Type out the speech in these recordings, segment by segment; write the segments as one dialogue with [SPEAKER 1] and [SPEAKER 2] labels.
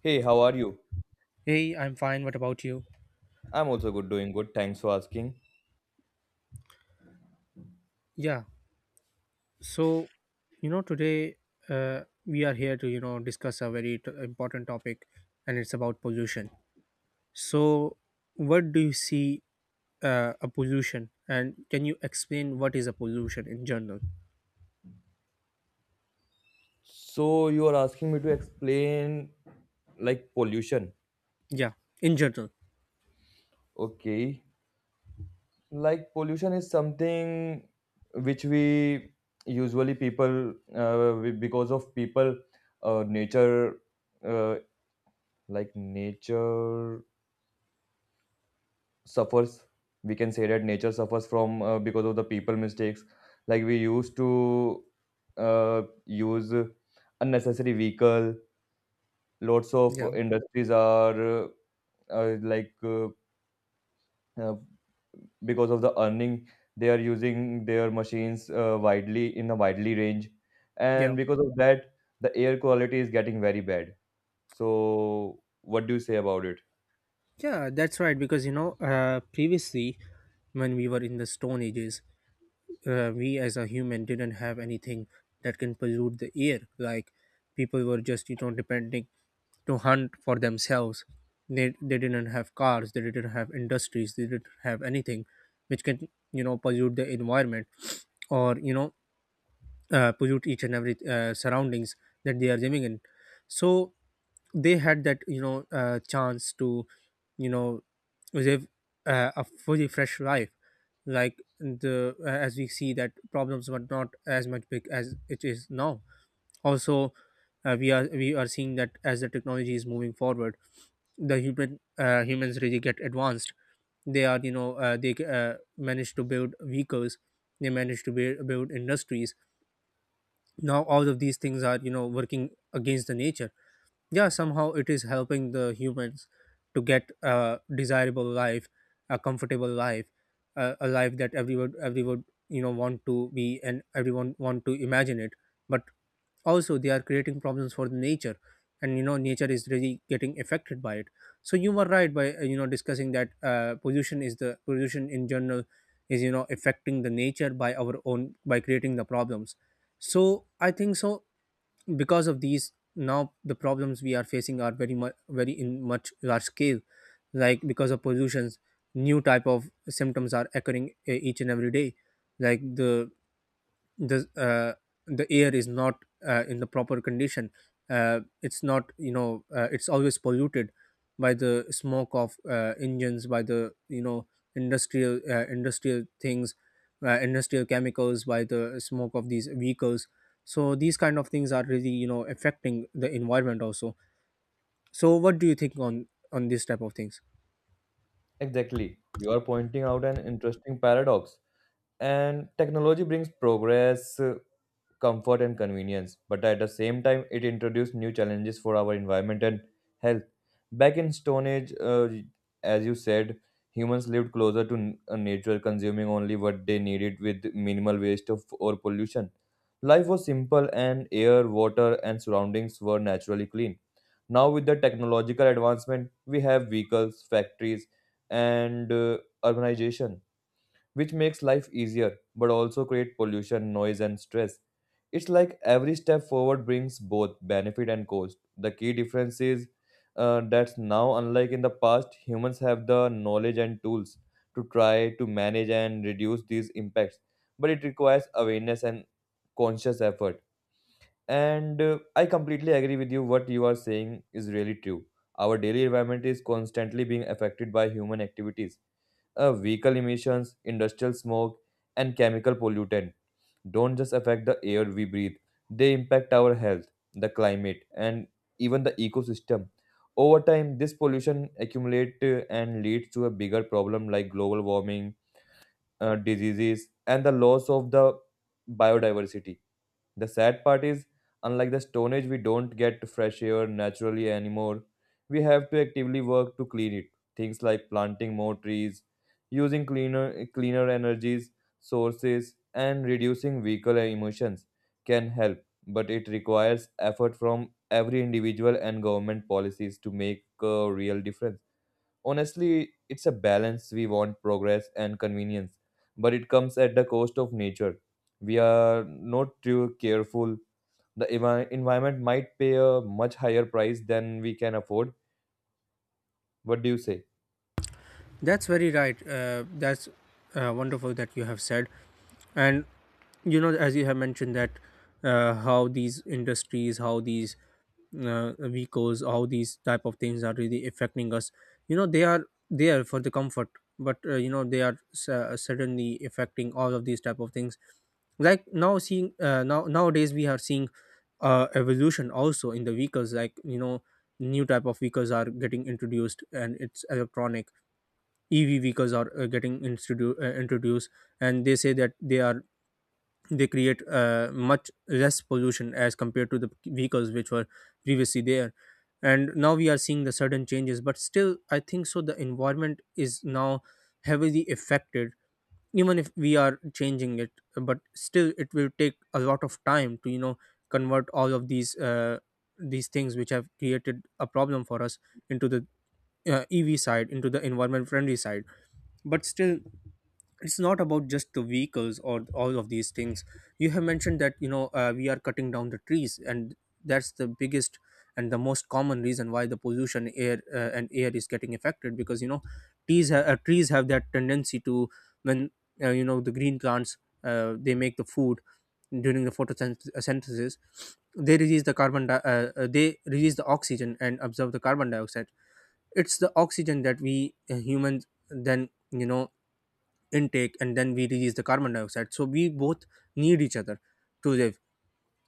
[SPEAKER 1] Hey, how are you?
[SPEAKER 2] Hey, I'm fine. What about you?
[SPEAKER 1] I'm also good, doing good. Thanks for asking.
[SPEAKER 2] Yeah. So, today uh, we are here to, you know, discuss a very important topic, and it's about pollution. So, what do you see a pollution, and can you explain what is a pollution in general?
[SPEAKER 1] So you are asking me to explain like pollution.
[SPEAKER 2] Yeah, in general.
[SPEAKER 1] Okay. Like pollution is something which we usually people because of people nature uh, like nature suffers. We can say that nature suffers from because of the people mistakes. Like we used to use unnecessary vehicle. Lots of
[SPEAKER 2] Yeah,
[SPEAKER 1] industries are like uh, because of the earning, they are using their machines widely in a widely range,
[SPEAKER 2] yeah.
[SPEAKER 1] and because of that, the air quality is getting very bad. So, what do you say about it?
[SPEAKER 2] Yeah, that's right because, you know, previously when we were in the stone ages, we as a human didn't have anything that can pollute the air. Like, people were just, you know, depending to hunt for themselves. They didn't have cars, they didn't have industries, they didn't have anything which can, you know, pollute the environment, or, you know, pollute each and every surroundings that they are living in. So they had that, you know, chance to, you know, live a fully fresh life. Like, the as we see, that problems were not as much big as it is now. Also, we are seeing that as the technology is moving forward, the humans really get advanced. They are, you know, they manage to build vehicles, they manage to build industries. Now all of these things are, you know, working against the nature. Yeah, somehow it is helping the humans to get a desirable life, a comfortable life, a life that everyone, you know, want to be, and everyone want to imagine it. But also they are creating problems for the nature, and, you know, nature is really getting affected by it. So you were right by you know, discussing that pollution in general is, you know, affecting the nature by our own, by creating the problems. So I think so, because of these, now the problems we are facing are very much very in much large scale. Like, because of pollutions, new type of symptoms are occurring each and every day. Like the uh, the air is not in the proper condition. It's not, you know, it's always polluted by the smoke of engines, by the, you know, industrial things, industrial chemicals, by the smoke of these vehicles. So these kind of things are really, you know, affecting the environment also. So what do you think on these type of things?
[SPEAKER 1] Exactly, you are pointing out an interesting paradox. And technology brings progress, comfort and convenience, but at the same time, it introduced new challenges for our environment and health. Back in Stone Age, as you said, humans lived closer to nature, consuming only what they needed with minimal waste or pollution. Life was simple, and air, water, and surroundings were naturally clean. Now, with the technological advancement, we have vehicles, factories, and urbanization, which makes life easier but also create pollution, noise, and stress. It's like every step forward brings both benefit and cost. The key difference is that now, unlike in the past, humans have the knowledge and tools to try to manage and reduce these impacts, but it requires awareness and conscious effort. And I completely agree with you. What you are saying is really true. Our daily environment is constantly being affected by human activities, vehicle emissions, industrial smoke, and chemical pollutant don't just affect the air we breathe, they impact our health, the climate, and even the ecosystem. Over time, this pollution accumulates and leads to a bigger problem like global warming, diseases, and the loss of the biodiversity. The sad part is, unlike the Stone Age, we don't get fresh air naturally anymore. We have to actively work to clean it. Things like planting more trees, using cleaner energies sources, and reducing vehicle emissions can help, but it requires effort from every individual and government policies to make a real difference. Honestly, it's a balance. We want progress and convenience, but it comes at the cost of nature. We are not too careful. The environment might pay a much higher price than we can afford. What do you say?
[SPEAKER 2] That's very right. That's wonderful that you have said. And, you know, as you have mentioned that how these industries, how these vehicles, how these type of things are really affecting us. You know, they are there for the comfort, but, you know, they are certainly affecting all of these type of things. Like, now, seeing now nowadays we are seeing evolution also in the vehicles. Like, you know, new type of vehicles are getting introduced, and it's electronic. EV vehicles are getting introduced, and they say that they create much less pollution as compared to the vehicles which were previously there. And now we are seeing the sudden changes, but still, I think so. The environment is now heavily affected, even if we are changing it. But still, it will take a lot of time to, you know, convert all of these things which have created a problem for us into the EV side, into the environment friendly side. But still, it's not about just the vehicles or all of these things. You have mentioned that, you know, we are cutting down the trees, and that's the biggest and the most common reason why the pollution air and air is getting affected, because, you know, trees have that tendency to, when, you know, the green plants, they make the food during the photosynthesis. They release the oxygen and absorb the carbon dioxide. It's the oxygen that we, humans, then, you know, intake, and then we release the carbon dioxide. So we both need each other to live.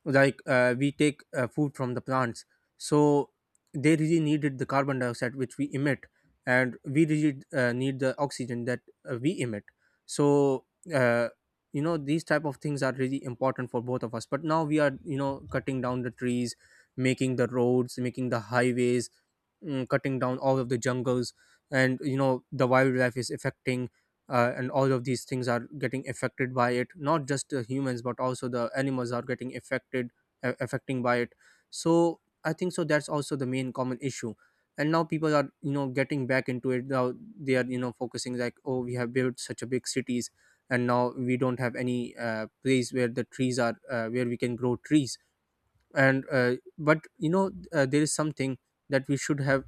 [SPEAKER 2] Like, we take food from the plants. So they really needed the carbon dioxide which we emit, and we really need the oxygen that we emit. So, uh, you know, these type of things are really important for both of us. But now we are, you know, cutting down the trees, making the roads, making the highways, cutting down all of the jungles, and, you know, the wildlife is affecting, and all of these things are getting affected by it, not just the humans but also the animals are getting affected affecting by it. So I think so, that's also the main common issue. And now people are, you know, getting back into it. Now they are, you know, focusing, like, oh, we have built such a big cities, and now we don't have any place where the trees are, where we can grow trees. And uh, but you know, there is something that we should have,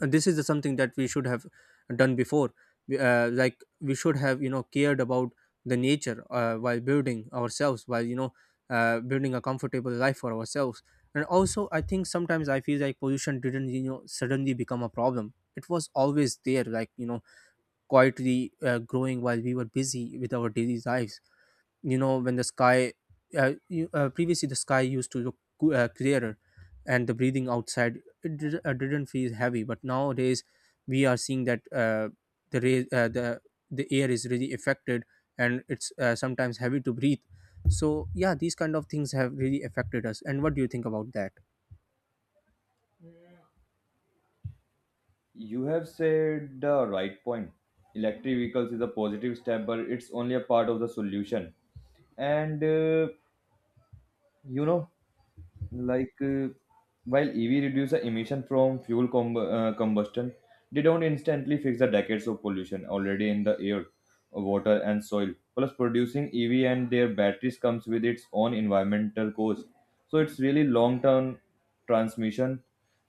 [SPEAKER 2] and this is the something that we should have done before. Like, we should have, you know, cared about the nature while building ourselves, while, you know, building a comfortable life for ourselves. And also, I think sometimes I feel like pollution didn't, you know, suddenly become a problem. It was always there, like, you know, quietly growing while we were busy with our daily lives. You know, when the sky, previously, the sky used to look clearer, and the breathing outside it didn't feel heavy. But nowadays we are seeing that the ray, the air is really affected, and it's sometimes heavy to breathe. So yeah, these kind of things have really affected us. And what do you think about that?
[SPEAKER 1] You have said the right point. Electric vehicles is a positive step, but it's only a part of the solution. And you know, like uh, while EV reduce the emission from combustion, they don't instantly fix the decades of pollution already in the air, water, and soil. Plus, producing EV and their batteries comes with its own environmental cost. So it's really long term transmission,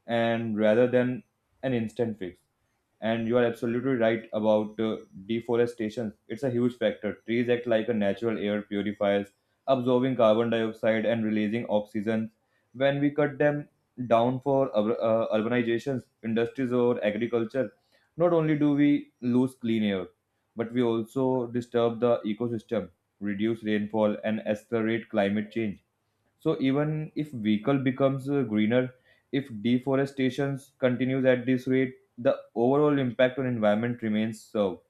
[SPEAKER 1] and rather than an instant fix. And you are absolutely right about deforestation. It's a huge factor. Trees act like a natural air purifiers, absorbing carbon dioxide and releasing oxygen. When we cut them down for urbanizations, industries, or agriculture, not only do we lose clean air, but we also disturb the ecosystem, reduce rainfall, and accelerate climate change. So even if vehicle becomes greener, if deforestation continues at this rate, the overall impact on environment remains so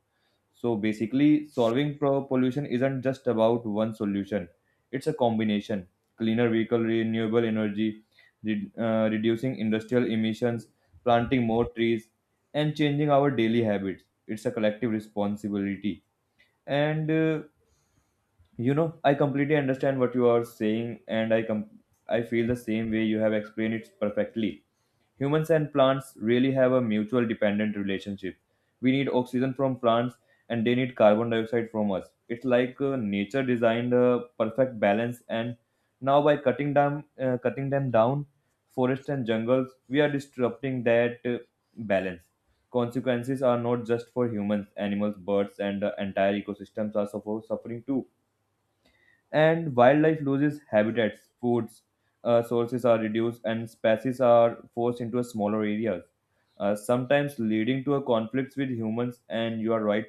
[SPEAKER 1] so basically, solving pollution isn't just about one solution. It's a combination: cleaner vehicle, renewable energy, reducing industrial emissions, planting more trees, and changing our daily habits. It's a collective responsibility. And I completely understand what you are saying, and I feel the same way. You have explained it perfectly. Humans and plants really have a mutual dependent relationship. We need oxygen from plants, and they need carbon dioxide from us. It's like nature designed a perfect balance, and now, by cutting them down forests and jungles, we are disrupting that balance. Consequences are not just for humans, animals, birds, and the entire ecosystems are suffering too, and wildlife loses habitats, foods, sources are reduced, and species are forced into a smaller areas, sometimes leading to a conflicts with humans. And you are right,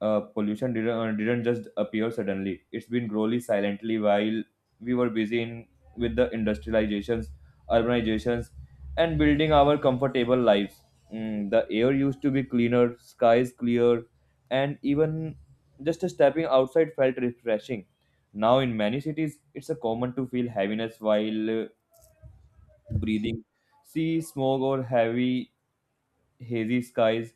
[SPEAKER 1] pollution didn't just appear suddenly. It's been growing silently while we were busy with the industrializations, urbanizations, and building our comfortable lives. The air used to be cleaner, skies clear, and even just a stepping outside felt refreshing. Now, in many cities, it's a common to feel heaviness while breathing. See smog or heavy, hazy skies.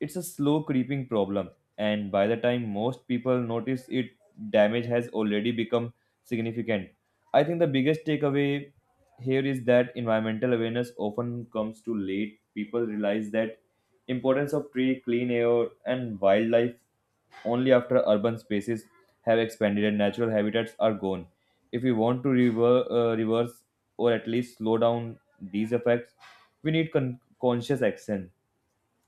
[SPEAKER 1] It's a slow creeping problem, and by the time most people notice it, damage has already become significant. I think the biggest takeaway here is that environmental awareness often comes too late. People realize that importance of tree, clean air, and wildlife only after urban spaces have expanded and natural habitats are gone. If we want to reverse, or at least slow down these effects, we need conscious action,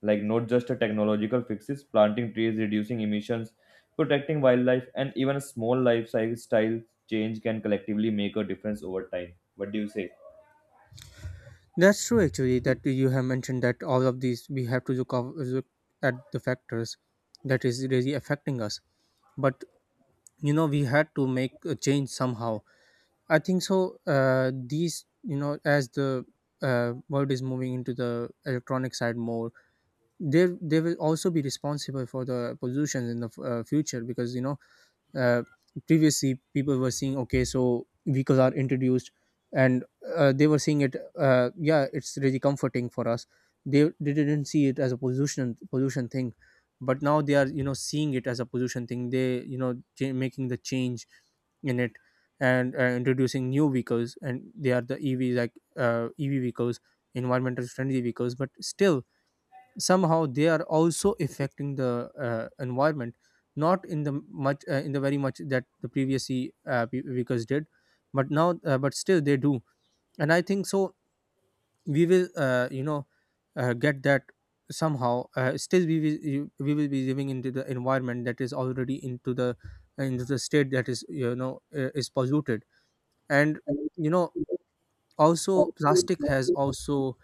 [SPEAKER 1] like not just a technological fixes, planting trees, reducing emissions, protecting wildlife, and even a small lifestyle change can collectively make a difference over time. What do you say?
[SPEAKER 2] That's true, actually, that you have mentioned that all of these we have to look at the factors that is really affecting us. But, you know, we had to make a change somehow. I think so. These, you know, as the world is moving into the electronic side more, they will also be responsible for the pollution in the future. Because, you know, uh, previously people were seeing, okay, so vehicles are introduced, and they were seeing it, yeah, it's really comforting for us. They didn't see it as a pollution thing, but now they are, you know, seeing it as a pollution thing. They, you know, making the change in it, and introducing new vehicles, and they are the EVs, like, EV vehicles, environmental friendly vehicles. But still, somehow they are also affecting the environment, not in the very much that the previous Vickers did, but still they do. And I think so, we will, you know, get that somehow. Still we will we will be living into the environment that is already into the state that is, you know, is polluted. And, you know, also plastic has also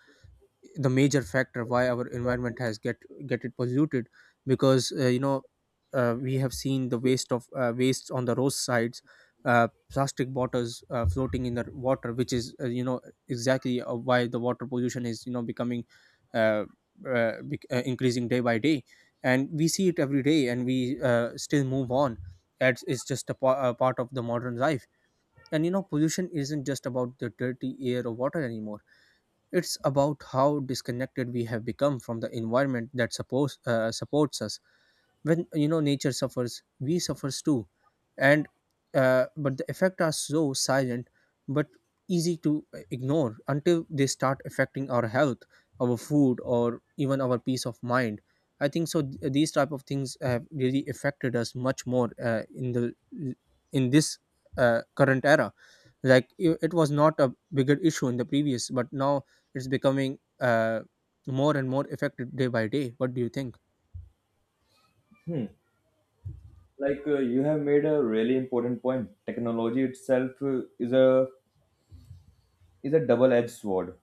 [SPEAKER 2] the major factor why our environment has get it polluted. Because, you know, we have seen the waste of waste on the roadsides, plastic bottles floating in the water, which is, you know, exactly why the water pollution is, you know, becoming, uh, increasing day by day. And we see it every day, and we, still move on. That's just a part of the modern life. And, you know, pollution isn't just about the dirty air or water anymore. It's about how disconnected we have become from the environment that supports us. When, you know, nature suffers, we suffers too. And uh, but the effects are so silent, but easy to ignore until they start affecting our health, our food, or even our peace of mind. I think so, these type of things have really affected us much more, in this current era. Like, it was not a bigger issue in the previous, but now it's becoming more and more affected day by day. What do you think?
[SPEAKER 1] Hmm. Like you have made a really important point. Technology itself is a double-edged sword.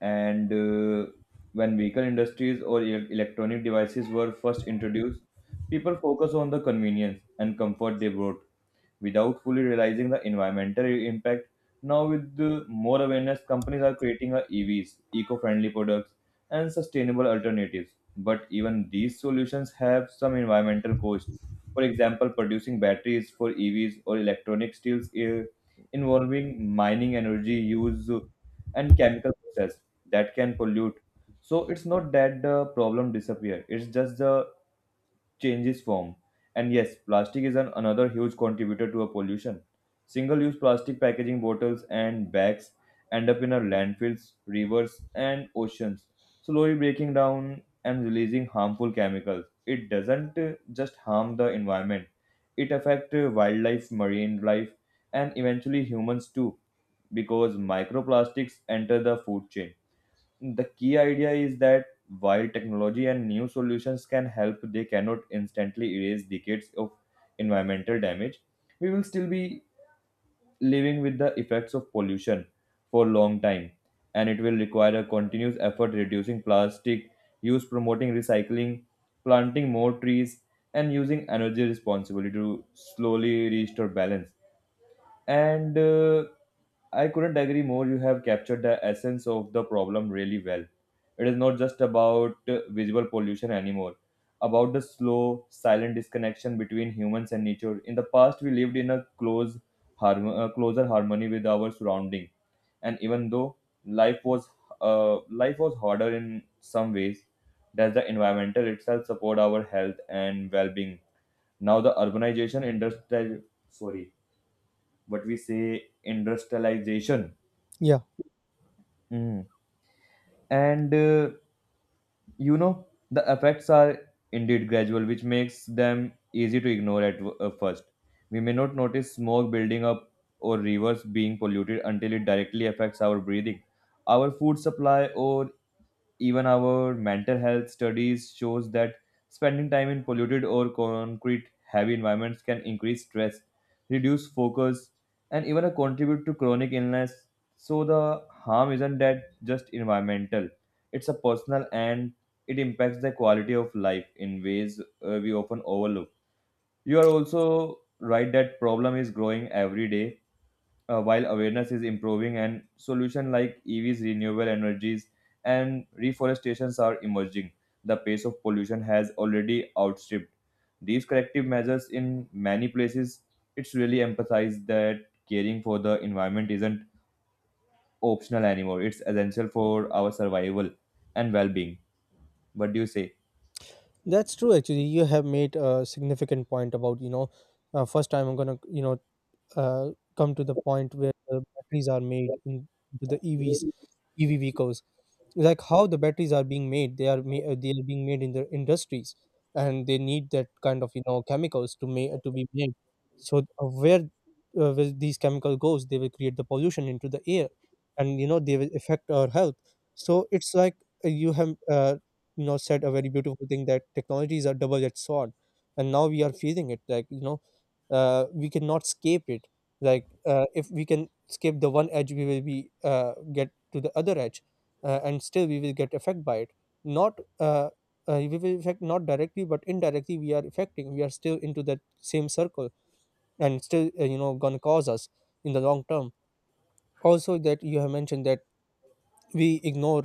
[SPEAKER 1] And when vehicle industries or electronic devices were first introduced, people focused on the convenience and comfort they brought without fully realizing the environmental impact. Now, with the more awareness, companies are creating a EVs, eco-friendly products, and sustainable alternatives. But even these solutions have some environmental cost. For example, producing batteries for EVs or electronic steels, involving mining energy use and chemical process, that can pollute. So it's not that the problem disappear. It's just the changes form. And yes, plastic is another huge contributor to our pollution. Single use plastic packaging bottles and bags end up in our landfills, rivers, and oceans, slowly breaking down and releasing harmful chemicals. It doesn't just harm the environment, it affects wildlife, marine life, and eventually humans too, because microplastics enter the food chain. The key idea is that while technology and new solutions can help, they cannot instantly erase decades of environmental damage. We will still be living with the effects of pollution for a long time, and it will require a continuous effort reducing plastic use, promoting recycling, planting more trees, and using energy responsibly to slowly restore balance. And I couldn't agree more. You have captured the essence of the problem really well. It is not just about visual pollution anymore, about the slow, silent disconnection between humans and nature. In the past, we lived in a closer harmony with our surrounding, and even though life was life was harder in some ways, does the environmental itself support our health and well-being? Now, the urbanization industry, sorry, what we say, industrialization. Mhm. And you know, the effects are indeed gradual, which makes them easy to ignore at first. We may not notice smoke building up or rivers being polluted until it directly affects our breathing, our food supply, or even our mental health. Studies shows that spending time in polluted or concrete heavy environments can increase stress, reduce focus, and even contribute to chronic illness. So the harm isn't that just environmental, it's a personal, and it impacts the quality of life in ways we often overlook. You are also right that problem is growing every day, while awareness is improving and solutions like EVs, renewable energies, and reforestations are emerging. The pace of pollution has already outstripped these corrective measures in many places. It's really emphasized that caring for the environment isn't optional anymore, it's essential for our survival and well-being. What do you say?
[SPEAKER 2] That's true. Actually, you have made a significant point about first time I'm gonna uh, come to the point where the batteries are made into the EVs, EV vehicles. Like how the batteries are being made, they are being made in the industries, and they need that kind of chemicals to make to be made. So where these chemical goes, they will create the pollution into the air, and you know they will affect our health. So it's like, you have, you know, said a very beautiful thing that technologies are double edged sword, and now we are feeling it, like you know, we cannot escape it. Like if we can escape the one edge, we will be get to the other edge, and still we will get affected by it. Not We will affect not directly but indirectly, we are affecting, we are still into that same circle, and still you know gonna cause us in the long term. Also that you have mentioned that we ignore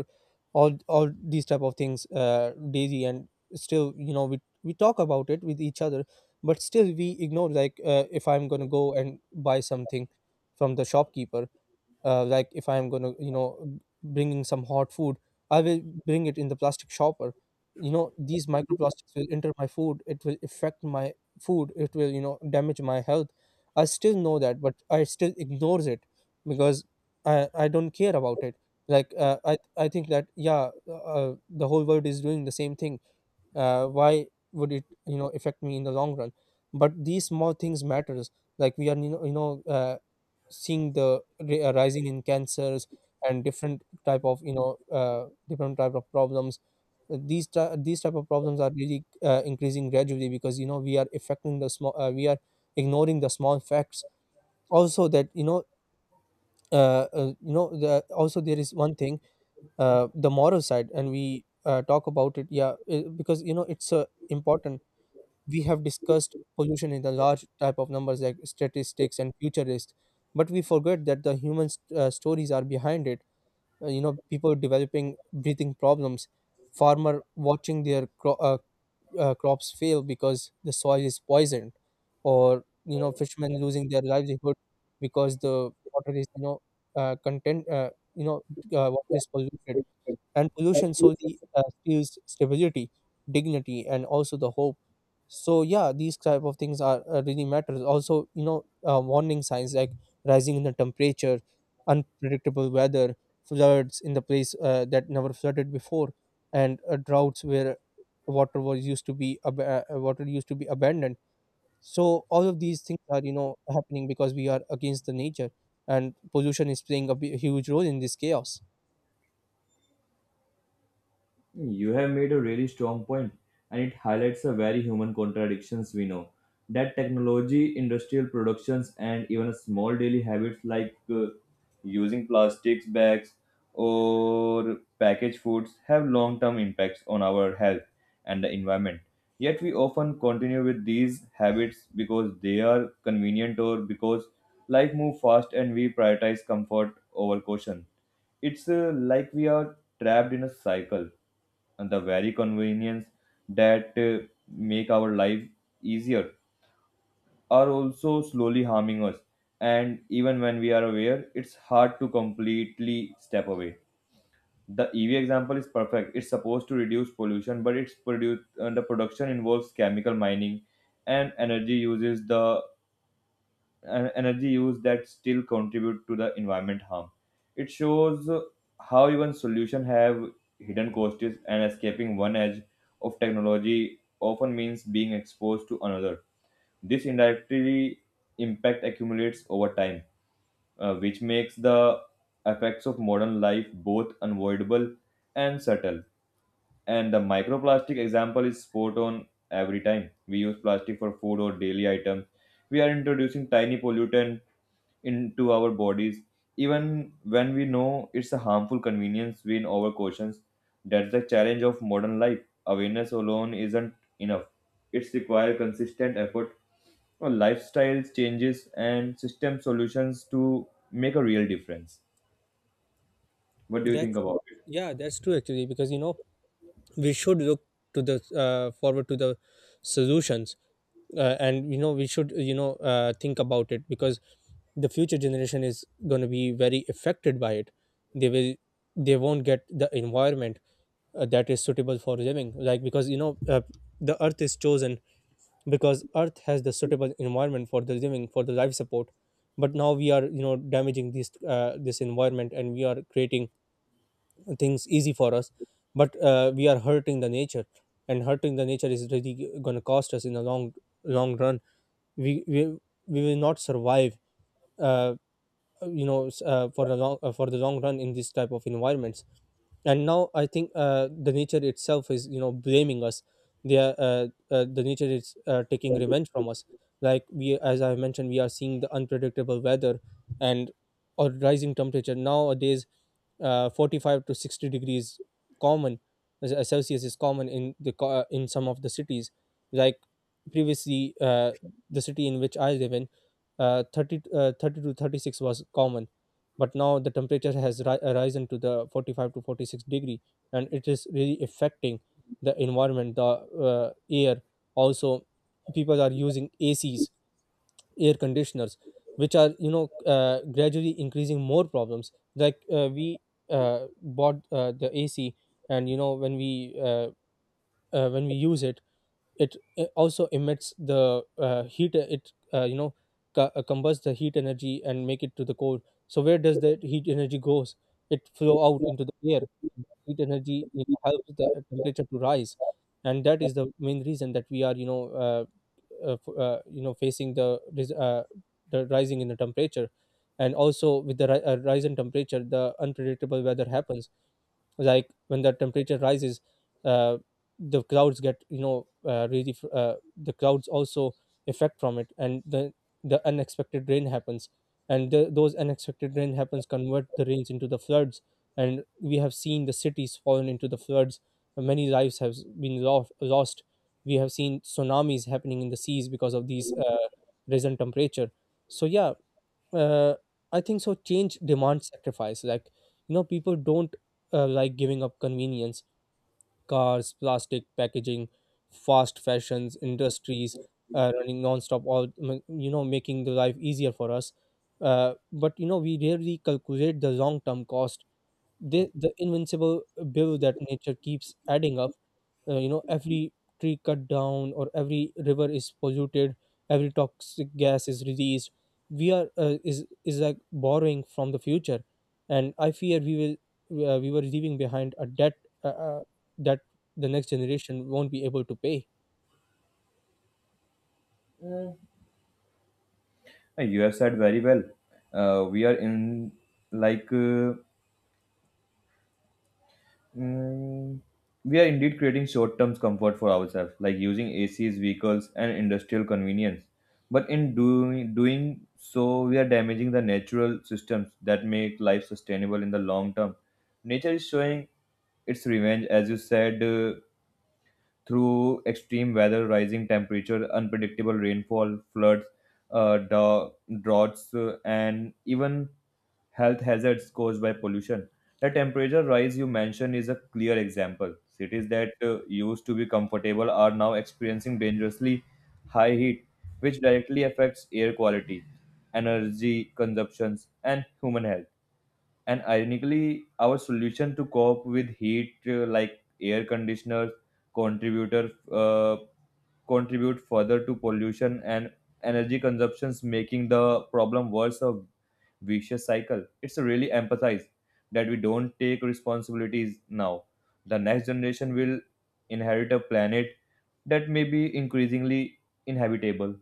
[SPEAKER 2] all these type of things daily, and still you know we talk about it with each other, but still we ignore. Like if I'm gonna go and buy something from the shopkeeper, like if I'm going to you know bringing some hot food, I will bring it in the plastic shopper. You know, these microplastics will enter my food, it will affect my food, it will you know damage my health. I still know that, but I still ignores it, because I don't care about it. Like I think that yeah, the whole world is doing the same thing, why would it you know affect me in the long run? But these small things matters. Like we are seeing the rising in cancers, and different type of different type of problems. These type of problems are really increasing gradually, because you know we are affecting the small, we are ignoring the small facts. Also that you know, uh, uh, you know the, also there is one thing, the moral side, and we talk about it, yeah, because you know it's, important. We have discussed pollution in the large type of numbers like statistics and future risk, but we forget that the human stories are behind it. You know, people developing breathing problems, farmer watching their crops fail because the soil is poisoned, or you know fishermen losing their livelihood because the water is you know, uh, content uh, you know water is polluted. And pollution solely steals stability, dignity and also the hope. So yeah, these type of things are really matters. Also you know, warning signs like rising in the temperature, unpredictable weather, floods in the place that never flooded before, and droughts where water was used to be ab- water used to be abandoned. So all of these things are you know happening because we are against the nature, and pollution is playing a huge role in this chaos.
[SPEAKER 1] You have made a really strong point, and it highlights the very human contradictions we know. That technology, industrial productions, and even small daily habits like using plastics bags or packaged foods have long term impacts on our health and the environment. Yet, we often continue with these habits because they are convenient, or because life moves fast and we prioritize comfort over caution. It's like we are trapped in a cycle, and the very convenience that make our life easier are also slowly harming us, and even when we are aware, it's hard to completely step away. The ev example is perfect. It's supposed to reduce pollution, but it's produced the production involves chemical mining and energy uses the energy use that still contribute to the environment harm. It shows how even solution have hidden costs, and escaping one edge of technology often means being exposed to another. This indirectly impact accumulates over time, which makes the effects of modern life both unavoidable and subtle. And the microplastic example is spot on. Every time we use plastic for food or daily items. We are introducing tiny pollutant into our bodies, even when we know it's a harmful convenience we in cautions. That's the challenge of modern life. Awareness alone isn't enough. It's require consistent effort, or lifestyle changes, and system solutions to make a real difference. What do you think
[SPEAKER 2] That's,
[SPEAKER 1] about it?
[SPEAKER 2] yeah, that's true actually, because you know we should look to the forward to the solutions, and you know we should think about it, because the future generation is going to be very affected by it. They will, they won't get the environment that is suitable for living. Like because you know, the earth is chosen because earth has the suitable environment for the living, for the life support. But now we are you know damaging this this environment, and we are creating things easy for us, but we are hurting the nature. And hurting the nature is really going to cost us in the long run. we we, we will not survive uh, for the long run in these type of environments. And now I think the nature itself is you know blaming us. The nature is taking revenge from us. Like we, as I mentioned, we are seeing the unpredictable weather, and or rising temperature nowadays, 45 to 60 degrees common, celsius is common in the in some of the cities. Like previously the city in which I live in, 30, 30 to 36 was common, but now the temperature has risen to the 45 to 46 degree, and it is really affecting the environment, the air. Also, people are using acs, air conditioners, which are you know gradually increasing more problems. Like we bought the ac, and you know when we, when we use it, it also emits the heat. It You know, combust the heat energy and make it to the cold. So where does that heat energy goes? It flow out into the air. Heat energy, you know, helps the temperature to rise, and that is the main reason that we are you know, you know facing the the rising in the temperature. And also with the rise in temperature, the unpredictable weather happens. Like when the temperature rises, uh, the clouds get you know, the clouds also effect from it, and the unexpected rain happens, and those unexpected rain happens convert the rains into the floods. And we have seen the cities fallen into the floods, many lives have been lost. We have seen tsunamis happening in the seas because of these risen temperature. So yeah, uh, I think so. Change demands sacrifice. Like you know, people don't like giving up convenience, cars, plastic packaging, fast fashions, industries running nonstop. You know, making the life easier for us. But you know, we rarely calculate the long term cost, the invincible bill that nature keeps adding up. You know, every tree cut down, or every river is polluted, every toxic gas is released, we are, is like borrowing from the future. And I fear we will, we were leaving behind a debt uh, uh, that the next generation won't be able to pay.
[SPEAKER 1] You have said very well. We are in like Mm, we are indeed creating short term comfort for ourselves, like using ACs, vehicles, and industrial convenience. But in doing so, we are damaging the natural systems that make life sustainable in the long term. Nature is showing its revenge, as you said, through extreme weather, rising temperature, unpredictable rainfall, floods, uh, dra- droughts, and even health hazards caused by pollution. The temperature rise you mentioned is a clear example. Cities that used to be comfortable are now experiencing dangerously high heat, which directly affects air quality, energy consumptions, and human health. And ironically, our solution to cope with heat, like air conditioners, contributor contribute further to pollution and energy consumptions, making the problem worse. Of vicious cycle. It's really emphasized that we don't take responsibilities now. The next generation will inherit a planet that may be increasingly inhabitable.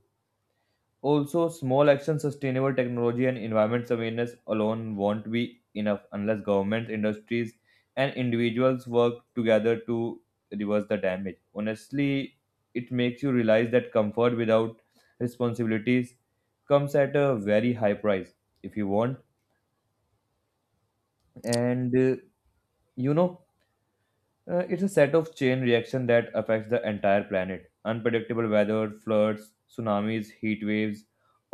[SPEAKER 1] Also, small action, sustainable technology, and environment awareness alone won't be enough unless governments, industries, and individuals work together to reverse the damage. Honestly, it makes you realize that comfort without responsibilities comes at a very high price. If you want and you know it's a set of chain reaction that affects the entire planet, unpredictable weather, floods, tsunamis, heat waves,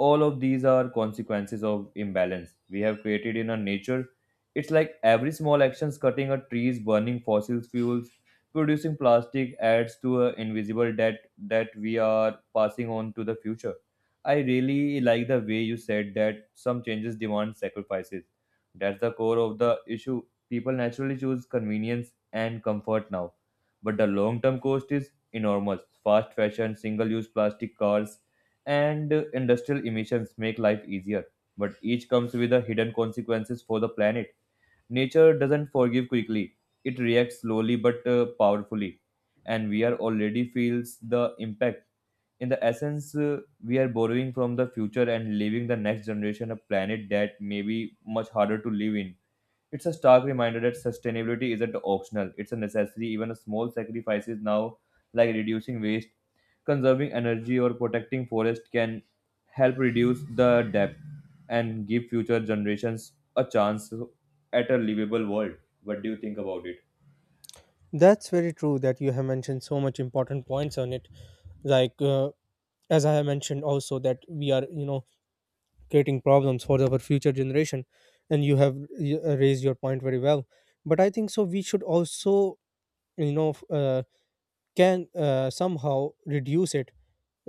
[SPEAKER 1] all of these are consequences of imbalance we have created in our nature. It's like every small actions, cutting a trees, burning fossil fuels, producing plastic adds to a invisible debt that we are passing on to the future. I really like the way you said that some changes demand sacrifices. That's the core of the issue. People naturally choose convenience and comfort now, but the long term cost is enormous. Fast fashion, single use plastic cars, and industrial emissions make life easier, but each comes with a hidden consequences for the planet. Nature doesn't forgive quickly. It reacts slowly but powerfully, and we are already feels the impact. In the essence, we are borrowing from the future and leaving the next generation a planet that may be much harder to live in. It's a stark reminder that sustainability isn't optional, it's a necessity. Even small sacrifices now, like reducing waste, conserving energy, or protecting forest, can help reduce the debt and give future generations a chance at a livable world. What do you think about it?
[SPEAKER 2] That's very true, that you have mentioned so much important points on it. Like as I have mentioned also, that we are you know creating problems for our future generation. And you have raised your point very well. But I think so, we should also you know, f- can somehow reduce it.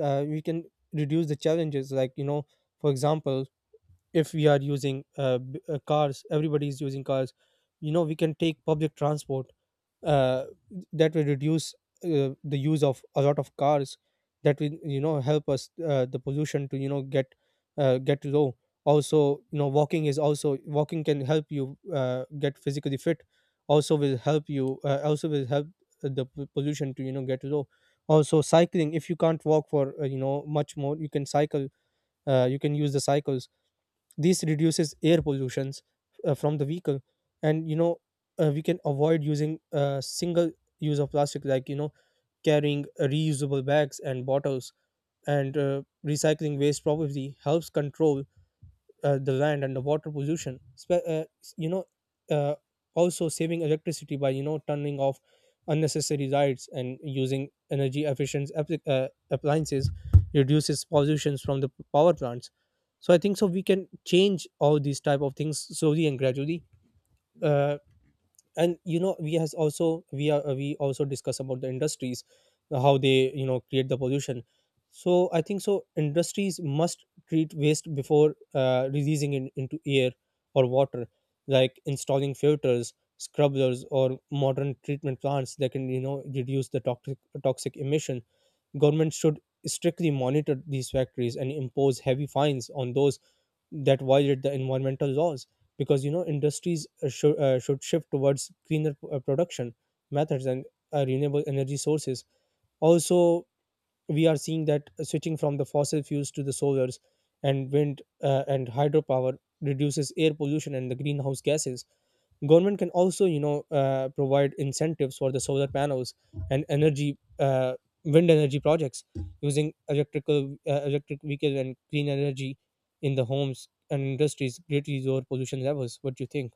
[SPEAKER 2] We can reduce the challenges. Like you know, for example, if we are using cars, everybody is using cars, you know we can take public transport, uh, that will reduce the use of a lot of cars. That will you know help us, the pollution to you know get low. Also you know, walking is also walking can help you get physically fit, also will help you, also will help the pollution to you know get low. Also cycling, if you can't walk for you know much more, you can cycle, you can use the cycles. This reduces air pollutions from the vehicle. And you know, we can avoid using single use of plastic. Like you know, carrying reusable bags and bottles, and recycling waste probably helps control the land and the water pollution, you know uh, also saving electricity by you know turning off unnecessary lights, and using energy efficient appliances reduces pollutions from the power plants. So I think so we can change all these type of things slowly and gradually. uh, and you know, we are, we also discuss about the industries, how they you know create the pollution. So I think so industries must treat waste before releasing it into air or water. Like installing filters, scrubbers, or modern treatment plants that can you know reduce the toxic emission. Government should strictly monitor these factories and impose heavy fines on those that violate the environmental laws. Because you know industries should shift towards greener production methods and renewable energy sources. Also, we are seeing that switching from the fossil fuels to the solars and wind, and hydropower reduces air pollution and the greenhouse gases. Government can also you know provide incentives for the solar panels and energy wind energy projects. Using electric vehicle and clean energy in the homes and industries greatly lower pollution levels. What do you think?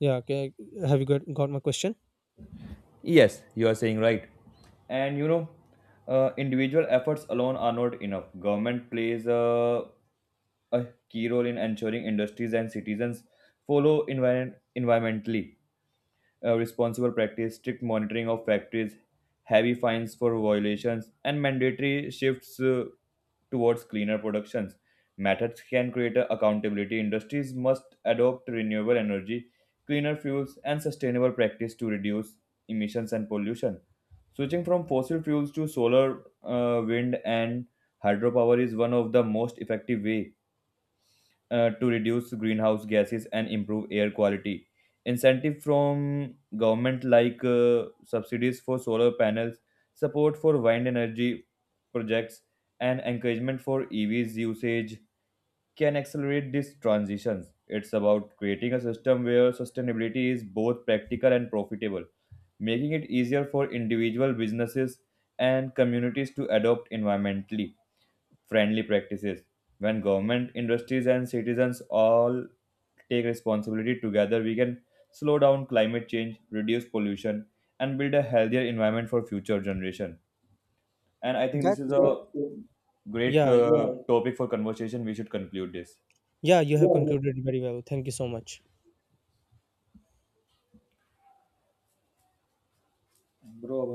[SPEAKER 2] Yeah, okay. Have got my question?
[SPEAKER 1] Yes, you are saying right. And you know, individual efforts alone are not enough. Government plays a key role in ensuring industries and citizens follow environmentally responsible practice, strict monitoring of factories, heavy fines for violations, and mandatory shifts towards cleaner productions. Methods can create a accountability. Industries must adopt renewable energy, cleaner fuels, and sustainable practice to reduce emissions and pollution. Switching from fossil fuels to solar, wind, and hydropower is one of the most effective way to reduce greenhouse gases and improve air quality. Incentive from government like subsidies for solar panels, support for wind energy projects, and encouragement for EVs usage can accelerate these transitions. It's about creating a system where sustainability is both practical and profitable, making it easier for individual businesses and communities to adopt environmentally friendly practices when government, industries, and citizens all take responsibility together, we can slow down climate change, reduce pollution, and build a healthier environment for future generation. And I think this is
[SPEAKER 2] That's true.
[SPEAKER 1] a great
[SPEAKER 2] Yeah,
[SPEAKER 1] topic for conversation. We should conclude this.
[SPEAKER 2] yeah you have concluded very well, thank you so much.
[SPEAKER 1] Bro,